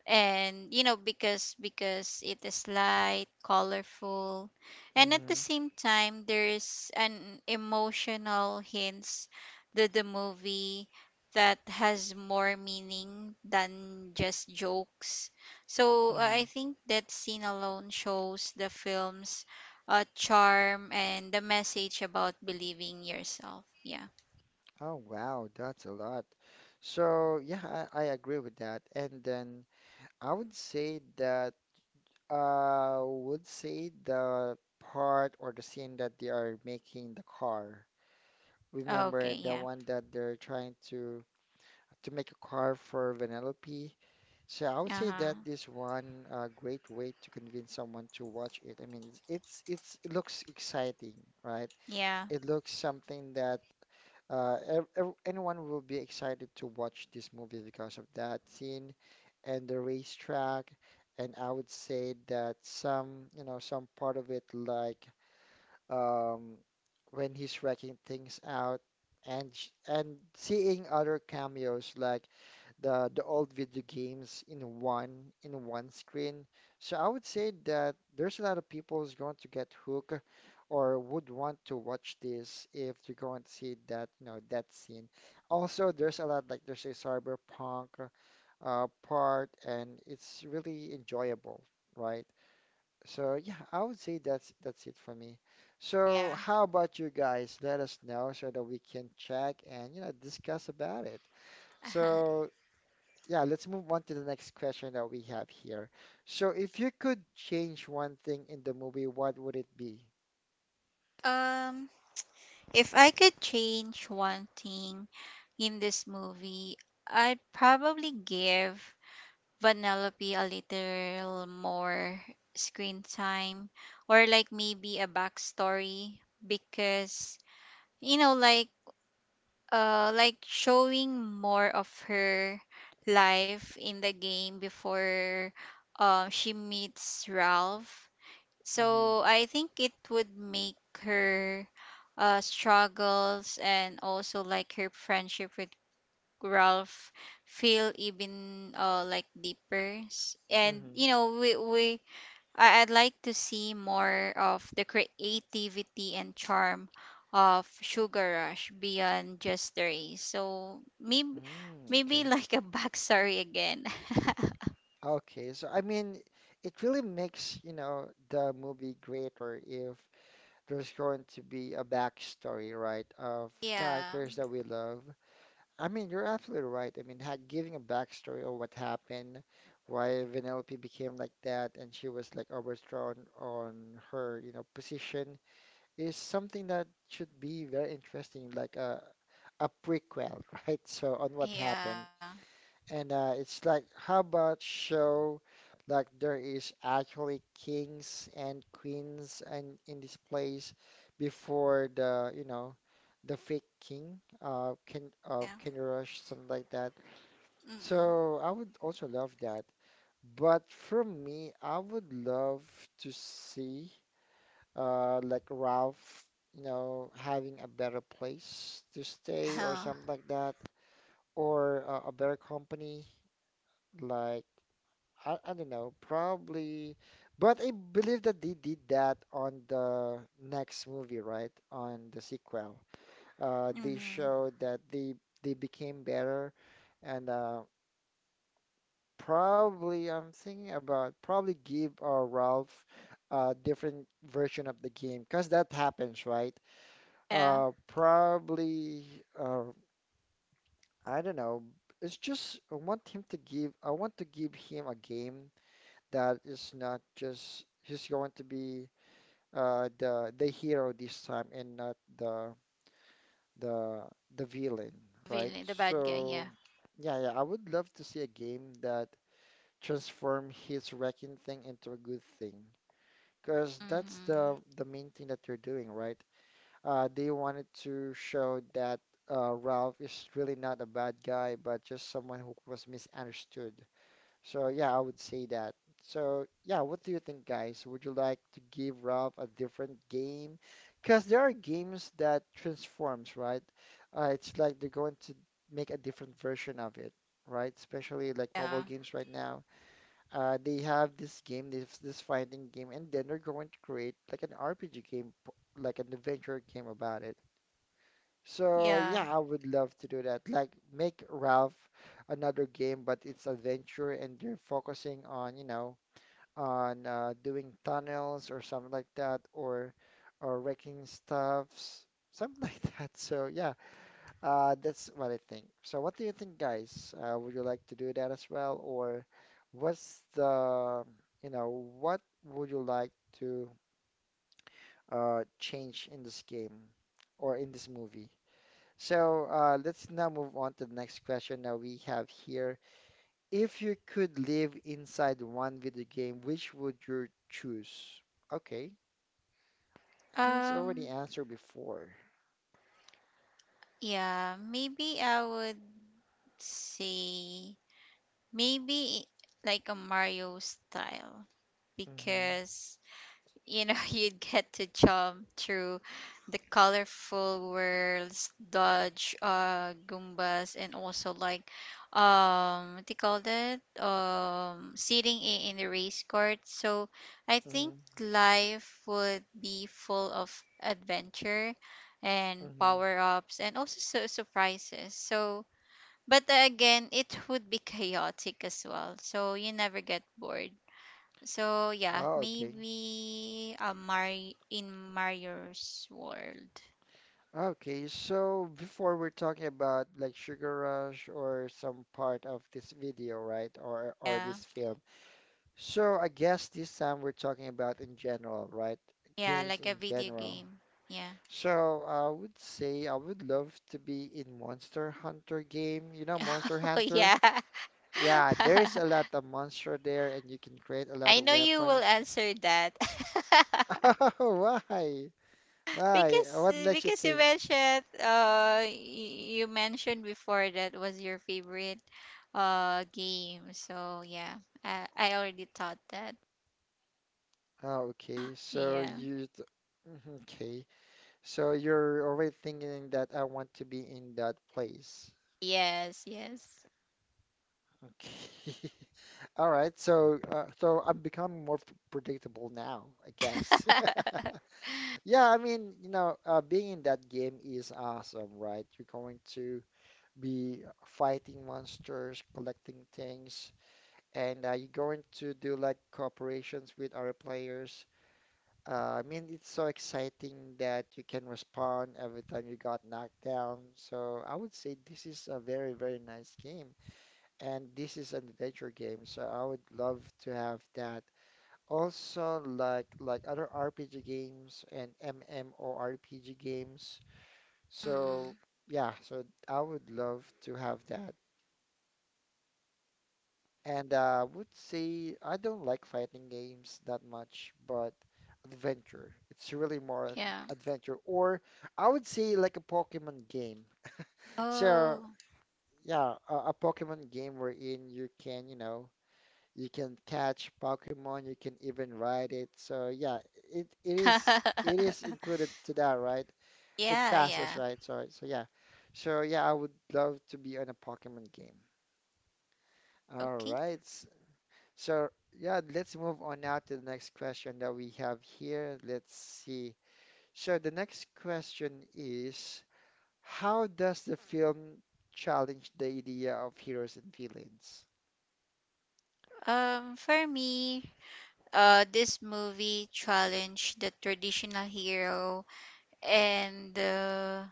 and you know because it is light colorful and at the
mhm,
same time there's an emotional hints that the movie that has more meaning than just jokes. So I
mhm.
think that scene alone shows the film's charm and the message about believing yourself. Yeah.
Oh, wow, that's a lot. So, yeah, I agree with that. And then I would say that. I would say the part or the scene that they are making the car.
Okay,
Remember the
yeah.
one that they're trying to make a car for Vanellope. So I would say
Uh-huh.
that this one great way to convince someone to watch it. I mean, it looks exciting, right?
Yeah.
It looks something that anyone will be excited to watch this movie because of that scene and the racetrack. And I would say that some, you know, some part of it, like um, when he's wrecking things out, and seeing other cameos like the old video games in one screen. So I would say that there's a lot of people who's going to get hooked or would want to watch this if they're going to see that you know that scene. Also, there's a lot like there's a cyberpunk part, and it's really enjoyable, right? So yeah, I would say that's it for me. So
Yeah.
how about you guys? Let us know so that we can check and you know discuss about it. So
[LAUGHS]
yeah, let's move on to the next question that we have here. So, if you could change one thing in the movie, what would it be?
um If I could change one thing in this movie, I'd probably give Vanellope a little more screen time or like maybe a backstory because you know like showing more of her life in the game before she meets Ralph.
Mm-hmm.
So I think it would make her struggles and also like her friendship with Ralph feel even like deeper. And
Mm-hmm.
you know, we I- I'd like to see more of the creativity and charm of Sugar Rush beyond just the race. So maybe
Mm,
maybe [LAUGHS]
okay.
like a backstory again. [LAUGHS]
Okay. So, I mean, it really makes, you know, the movie greater if there's going to be a backstory, right, of
Yeah,
characters that we love. I mean, you're absolutely right. I mean, ha giving a backstory of what happened, why Vanellope became like that, and she was like overthrown on her, you know, position is something that should be very interesting, like a prequel, [LAUGHS] right? So on what
yeah,
happened, and it's like how about show like there is actually kings and queens and in this place before the you know the fake king Ken
yeah.
of Ken something like that.
Mm-mm.
So I would also love that. But for me, I would love to see like Ralph, you know, having a better place to stay or
[LAUGHS]
something like that, or a better company, like I don't know, probably. But I believe that they did that on the next movie, right? On the sequel, they
Mhm.
showed that they became better, and probably I'm thinking about probably give Ralph a different version of the game, because that happens, right?
Yeah.
Uh, probably, uh, I don't know. It's just I want him to give. I want to give him a game that is not just he's going to be the hero this time and not the the the villain, right?
Villain, the bad guy, yeah.
So yeah, yeah. I would love to see a game that transform his wrecking thing into a good thing, because that's
Mhm.
the main thing that you're doing, right? They wanted to show that Ralph is really not a bad guy, but just someone who was misunderstood. So yeah, I would say that. So yeah, what do you think, guys? Would you like to give Ralph a different game? Because there are games that transforms, right? It's like they're going to make a different version of it, right? Especially like mobile
Yeah.
games right now. They have this game, this fighting game, and then they're going to create like an RPG game, like an adventure game about it. So
Yeah.
yeah, I would love to do that. Like make Ralph another game, but it's adventure and they're focusing on, you know, on doing tunnels or something like that, or wrecking stuffs, something [LAUGHS] like that. So yeah, that's what I think. So what do you think, guys? Would you like to do that as well, or what's the, you know, what would you like to change in this game or in this movie? So let's now move on to the next question that we have here. If you could live inside one video game, which would you choose? Okay, I think it's already
Um
answered before.
yeah, maybe I would say maybe like a Mario style
Mm-hmm,
because you know [LAUGHS] you'd get to jump through the colorful worlds, dodge goombas, and also like what do you call that, sitting in the race court. So I think
mm-hmm,
life would be full of adventure and
mm-hmm.
power-ups and also surprises. So but again it would be [LAUGHS] chaotic as well, so you never get bored. So yeah,
Oh, okay.
maybe a Mario in Mario's world.
Okay, so before we're talking about like Sugar Rush or some part of this video, right? Or
Yeah.
this film. So I guess this time we're talking about in general, right?
Yeah,
Games
like a
in
video
general.
game. Yeah.
So I would say I would love to be in Monster Hunter game. You know Monster
[LAUGHS] Oh
Hunter?
yeah.
Yeah, there's a
[LAUGHS]
lot of monster there and you can create a lot
I
of
know you will
weapons.
answer that. [LAUGHS]
[LAUGHS] Oh, why? Why?
Because
What makes you
you
think?
mentioned you mentioned before that was your favorite game. So yeah, I already thought that.
Oh, okay.
Yeah.
Mhm, okay. So you're already thinking that I want to be in that place.
Yes, yes.
Okay. [LAUGHS] All right. So I'm becoming more p- predictable now, I guess. [LAUGHS]
[LAUGHS]
Yeah, I mean, you know, being in that game is awesome, right? You're going to be fighting monsters, collecting things, and you're going to do like cooperations with other players. I mean, it's so exciting that you can respond every time you got knocked down. So I would say this is a very, very nice game, and this is an adventure game. So I would love to have that also, like other RPG games and MMORPG games. So
Mm.
yeah, so I would love to have that. And I would say I don't like fighting games that much, but adventure. It's really more
Yeah.
adventure, or I would say like a Pokemon game. So
Oh.
yeah, a Pokemon game wherein you can, you know. You can catch Pokemon, you can even ride it. So yeah, it is
[LAUGHS]
included to that, right? It
Yeah,
passes,
yeah.
right? Sorry. So yeah. So yeah, I would love to be on a Pokemon game. All
Okay.
right. So yeah, let's move on now to the next question that we have here. Let's see. So the next question is, how does the film challenge the idea of heroes and villains?
For me, this movie challenged the traditional hero and the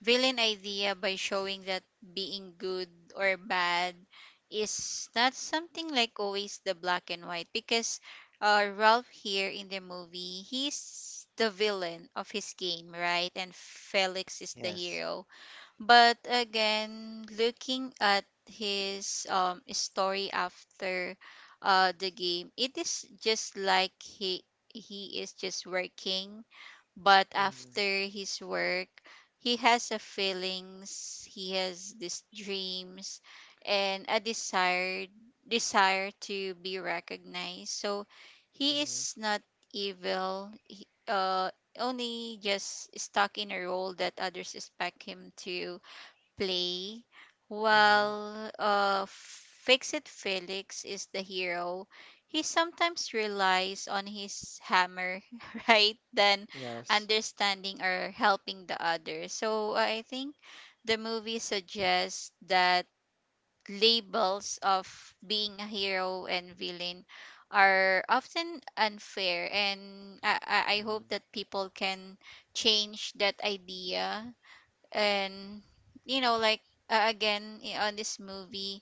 villain idea by showing that being good or bad is not something like always the black and white, because Ralph here in the movie, he's the villain of his game, right? And Felix is the
Yes.
hero. But again, looking at his story after the game, it is just like he is just working, but
Hmm.
after his work, he has a feelings, he has these dreams, and a desire to be recognized. So he
Hmm.
is not evil. He only just stuck in a role that others expect him to play,
Hmm.
while Fix It Felix is the hero, he sometimes relies on his hammer, [LAUGHS] right, than
Yes.
understanding or helping the others. So I think the movie suggests that labels of being a hero and villain are often unfair, and I, I hope
Hmm.
that people can change that idea, and you know like again on this movie,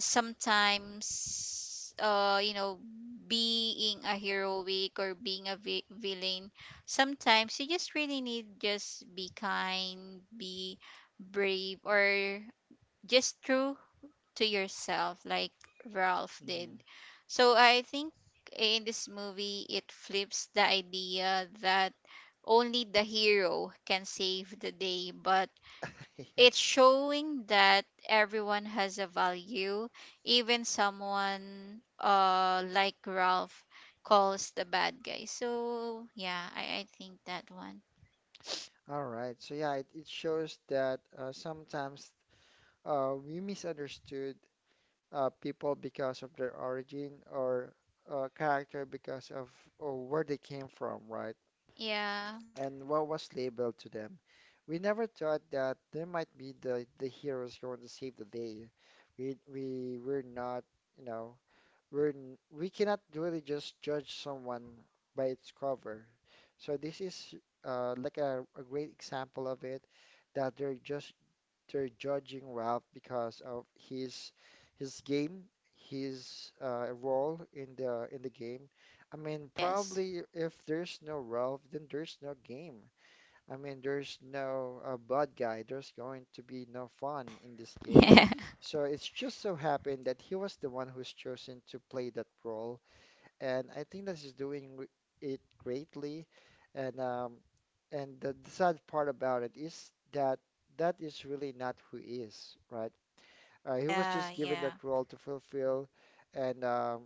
sometimes you know being a heroic or being a villain, sometimes you just really need just be kind, be brave, or just true to yourself like Ralph did.
Hmm.
So I think in this movie it flips the idea that only the hero can save the day, but
[LAUGHS] Yeah.
it's showing that everyone has a value, even someone like Ralph calls the bad guy. So yeah, I think that one.
All right. So yeah, it shows that sometimes we misunderstood people because of their origin or character because of or where they came from, right?
Yeah.
And what was labeled to them. We never thought that they might be the heroes going to save the day. We were not, you know. we're n- we cannot really just judge someone by its cover. So this is like a great example of it that they're just they're judging Ralph because of his game, his role in the game. I mean,
Yes.
probably if there's no Ralph, then there's no game. I mean, there's no bad guy. There's going to be no fun in this game.
[LAUGHS] Yeah.
So it's just so happened that he was the one who's chosen to play that role, and I think that he's doing it greatly. And um, and the sad part about it is that that is really not who he is, right? He was
Yeah,
just given that
yeah,
role to fulfill, and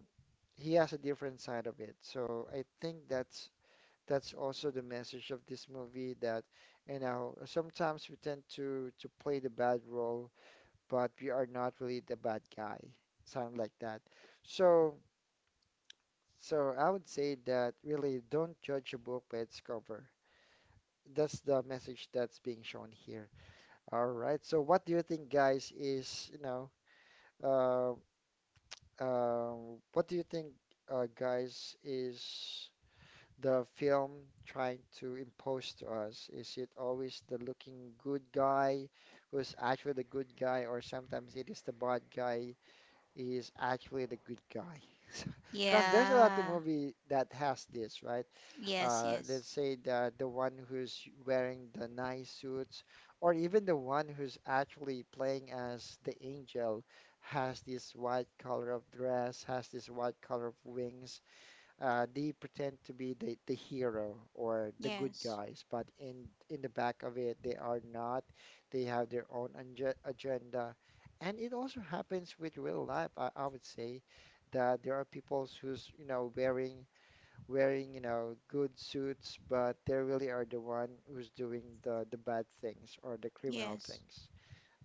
he has a different side of it. So I think that's also the message of this movie that, you know, sometimes we tend to play the bad role, but we are not really the bad guy, something like that. So, so I would say that really don't judge a book by its cover. That's the message that's being shown here. All right. So, what do you think, guys, is, you know, uh, uh, what do you think, guys, is the film trying to impose to us? Is it always the looking good guy who's actually the good guy, or sometimes it is the bad guy is actually the good guy? [LAUGHS] Because there's a lot of
yeah.
movie that has this, right?
Yes, yes.
Let's say the one who's wearing the nice suits, or even the one who's actually playing as the angel has this white color of dress, has this white color of wings they pretend to be the hero or the good
Yes,
guys, but in the back of it, they are not. They have their own agenda, and it also happens with real life. I would say that there are people who's you know wearing wearing you know good suits, but they really are the one who's doing the bad things or the criminal
yes.
things.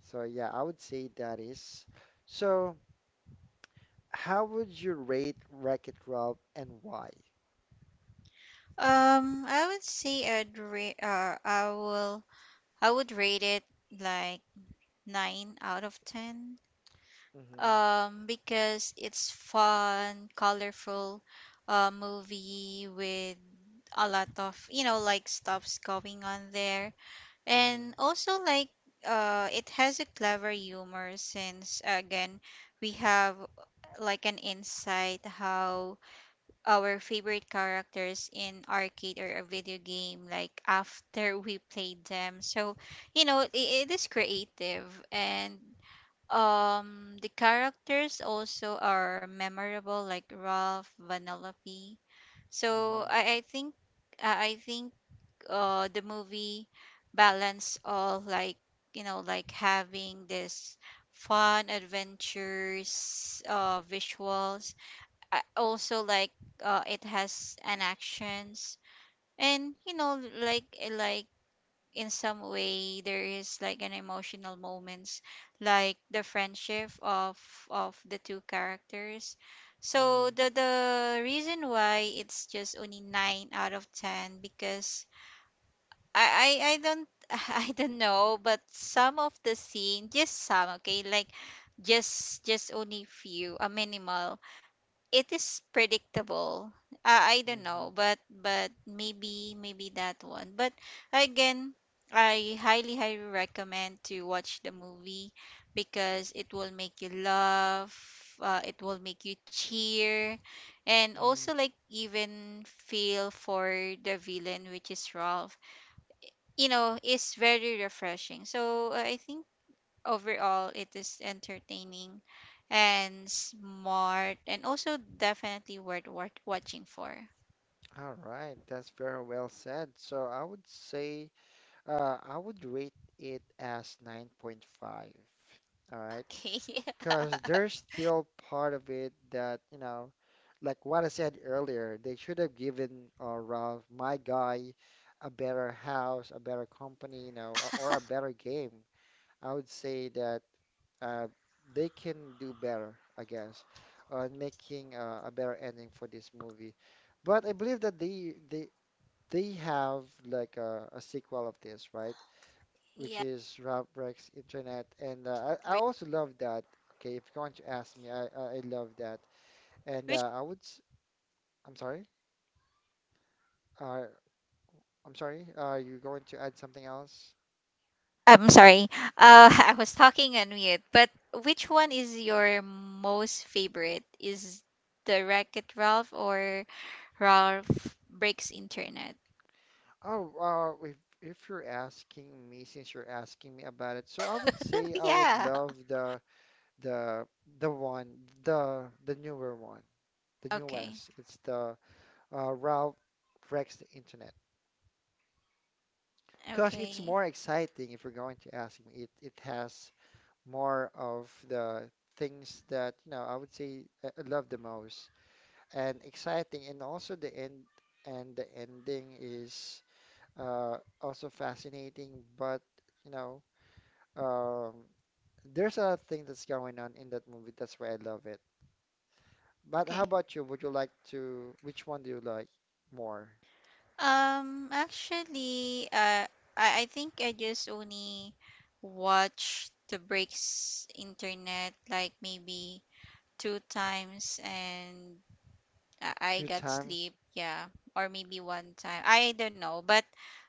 So yeah, I would say that is. So how would you rate Wreck-It Ralph and why?
I would say I'd ra- I will I would rate it like nine out of ten.
Mm-hmm.
Because it's fun, colorful movie with a lot of you know like stuffs going on there,
Mhm,
and also like it has a clever humor since again we have like an insight how our favorite characters in arcade or a video game like after [LAUGHS] we played them. So you know it is creative, and the characters also are memorable, like Ralph, Vanellope. So
mhm,
I think the movie balance all, like you know like having this fun adventures visuals. I also like it has an actions, and you know like like in some way there is like an emotional moments like the friendship of the two characters. So
mhm,
the reason why it's just only 9 out of 10 because I don't [LAUGHS] I don't know, but some of the scene just some okay, like just only few a minimal, it is predictable. I don't
mhm,
know, but maybe maybe that one. But again, I highly recommend to watch the movie because it will make you laugh. It will make you cheer, and
mhm.
also like even feel for the villain, which is Ralph. You know, it's very refreshing. So I think overall it is entertaining and smart and also definitely worth watching for.
All right, that's very well said. So I would say I would rate it as 9.5. All right,
Okay.
because there's still part of it that, you know, like what I said earlier, they should have given Ralph, my guy, a better house, a better company, you know, or a better game. I would say that uh, they can do better, I guess, on making a better ending for this movie. But I believe that they have like a sequel of this, right?
[LAUGHS]
Which
Yeah.
is Rob Rex Internet, and I
Bri-
also love that. Okay, if you want to ask me, I love that, and
Which
I would. I'm sorry. Uh, I'm sorry. You're going to add something else?
I'm sorry. [LAUGHS] I was talking on mute, but which one is your most favorite? Is the Wreck-It Ralph or Ralph Breaks Internet?
Oh, if you're asking me, since you're asking me about it, so I would say
[LAUGHS]
I would
Yeah.
love The the one the newer one, the
Okay.
newest. It's the Ralph Wrecks the Internet. Because it's
Okay.
more exciting if you're going to ask me. It has more of the things that you know I would say I love the most and exciting and also the end and the ending is also fascinating but you know um, there's a thing that's going on in that movie that's why I love it. But how
Okay.
about you? Would you like to, which one do you like more?
Actually, I think I just only watch the breaks internet like maybe two times and I
Two
got
times?
sleep, yeah, or maybe one time. I don't know, but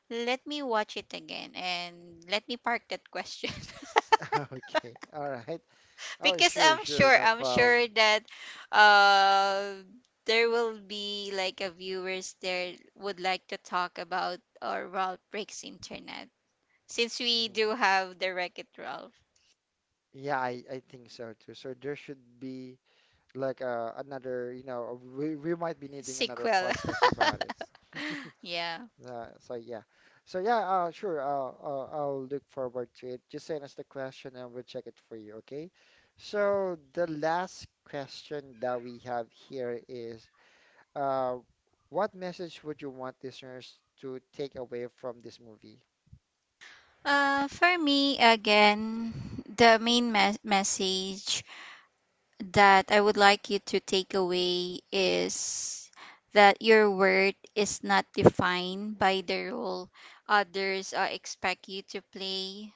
let me watch it again and let me park that question
[LAUGHS] Okay, all right.
[LAUGHS]
Oh,
because
sure, sure, no
I'm
problem.
sure that uh there will be like a viewers there would like to talk about or Ralph breaks internet. Since we
Mm.
do have the Wreck It Ralph
Yeah, I think so too. So there should be like another, you know, we might be needing another
sequel.
podcast about it. [LAUGHS]
[LAUGHS] Yeah.
So yeah, so yeah, sure. I'll I'll look forward to it. Just send us the question and we'll check it for you. Okay. So the last question that we have here is, Uh, what message would you want listeners to take away from this movie?
For me, again, the main message that I would like you to take away is that your worth is not defined by the role others expect you to play.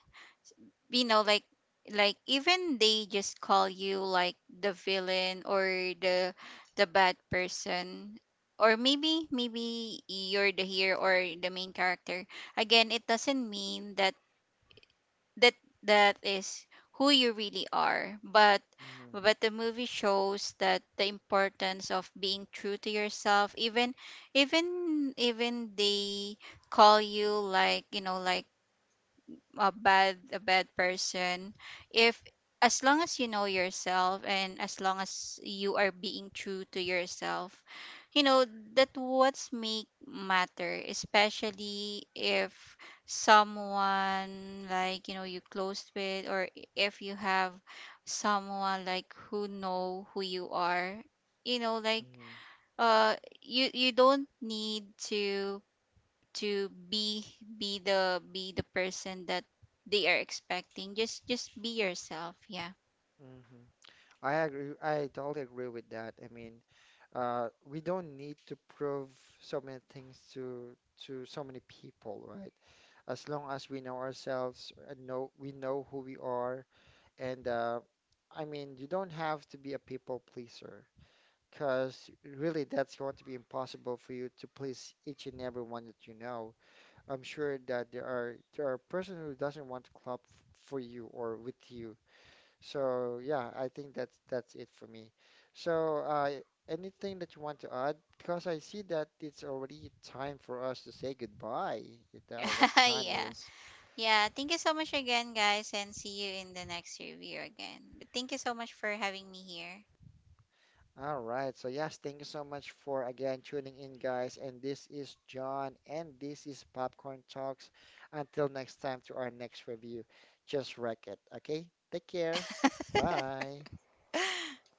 You know like even they just call you like the villain or the the bad person or maybe maybe you're the hero or the main character, again it doesn't mean that that that is who you really are,
Mm-hmm.
but the movie shows that the importance of being true to yourself, even even they call you like you know like a bad person, if as long as you know yourself and as long as you are being true to yourself, you know that what's make matter, especially if someone like you know you close with, or if you have someone like who know who you are, you know like uh you you don't need to be be the person that they are expecting, just be yourself. Yeah.
Hmm. I agree. I totally agree with that. I mean, we don't need to prove so many things to so many people, right? As long as we know ourselves and know we know who we are, and I mean, you don't have to be a people pleaser, because really that's going to be impossible for you to please each and everyone that you know. I'm sure that there are person who doesn't want to club for you or with you. So yeah, I think that's it for me. So anything that you want to add? Because I see that it's already time for us to say goodbye. It, what
[LAUGHS]
time
Yeah,
is?
yeah, thank you so much again guys and see you in the next review again, but thank you so much for having me here.
All right. So yes, thank you so much for again tuning in, guys. And this is John, and this is Popcorn Talks. Until next time, to our next review, just wreck it. Okay. Take care. Bye.
[LAUGHS]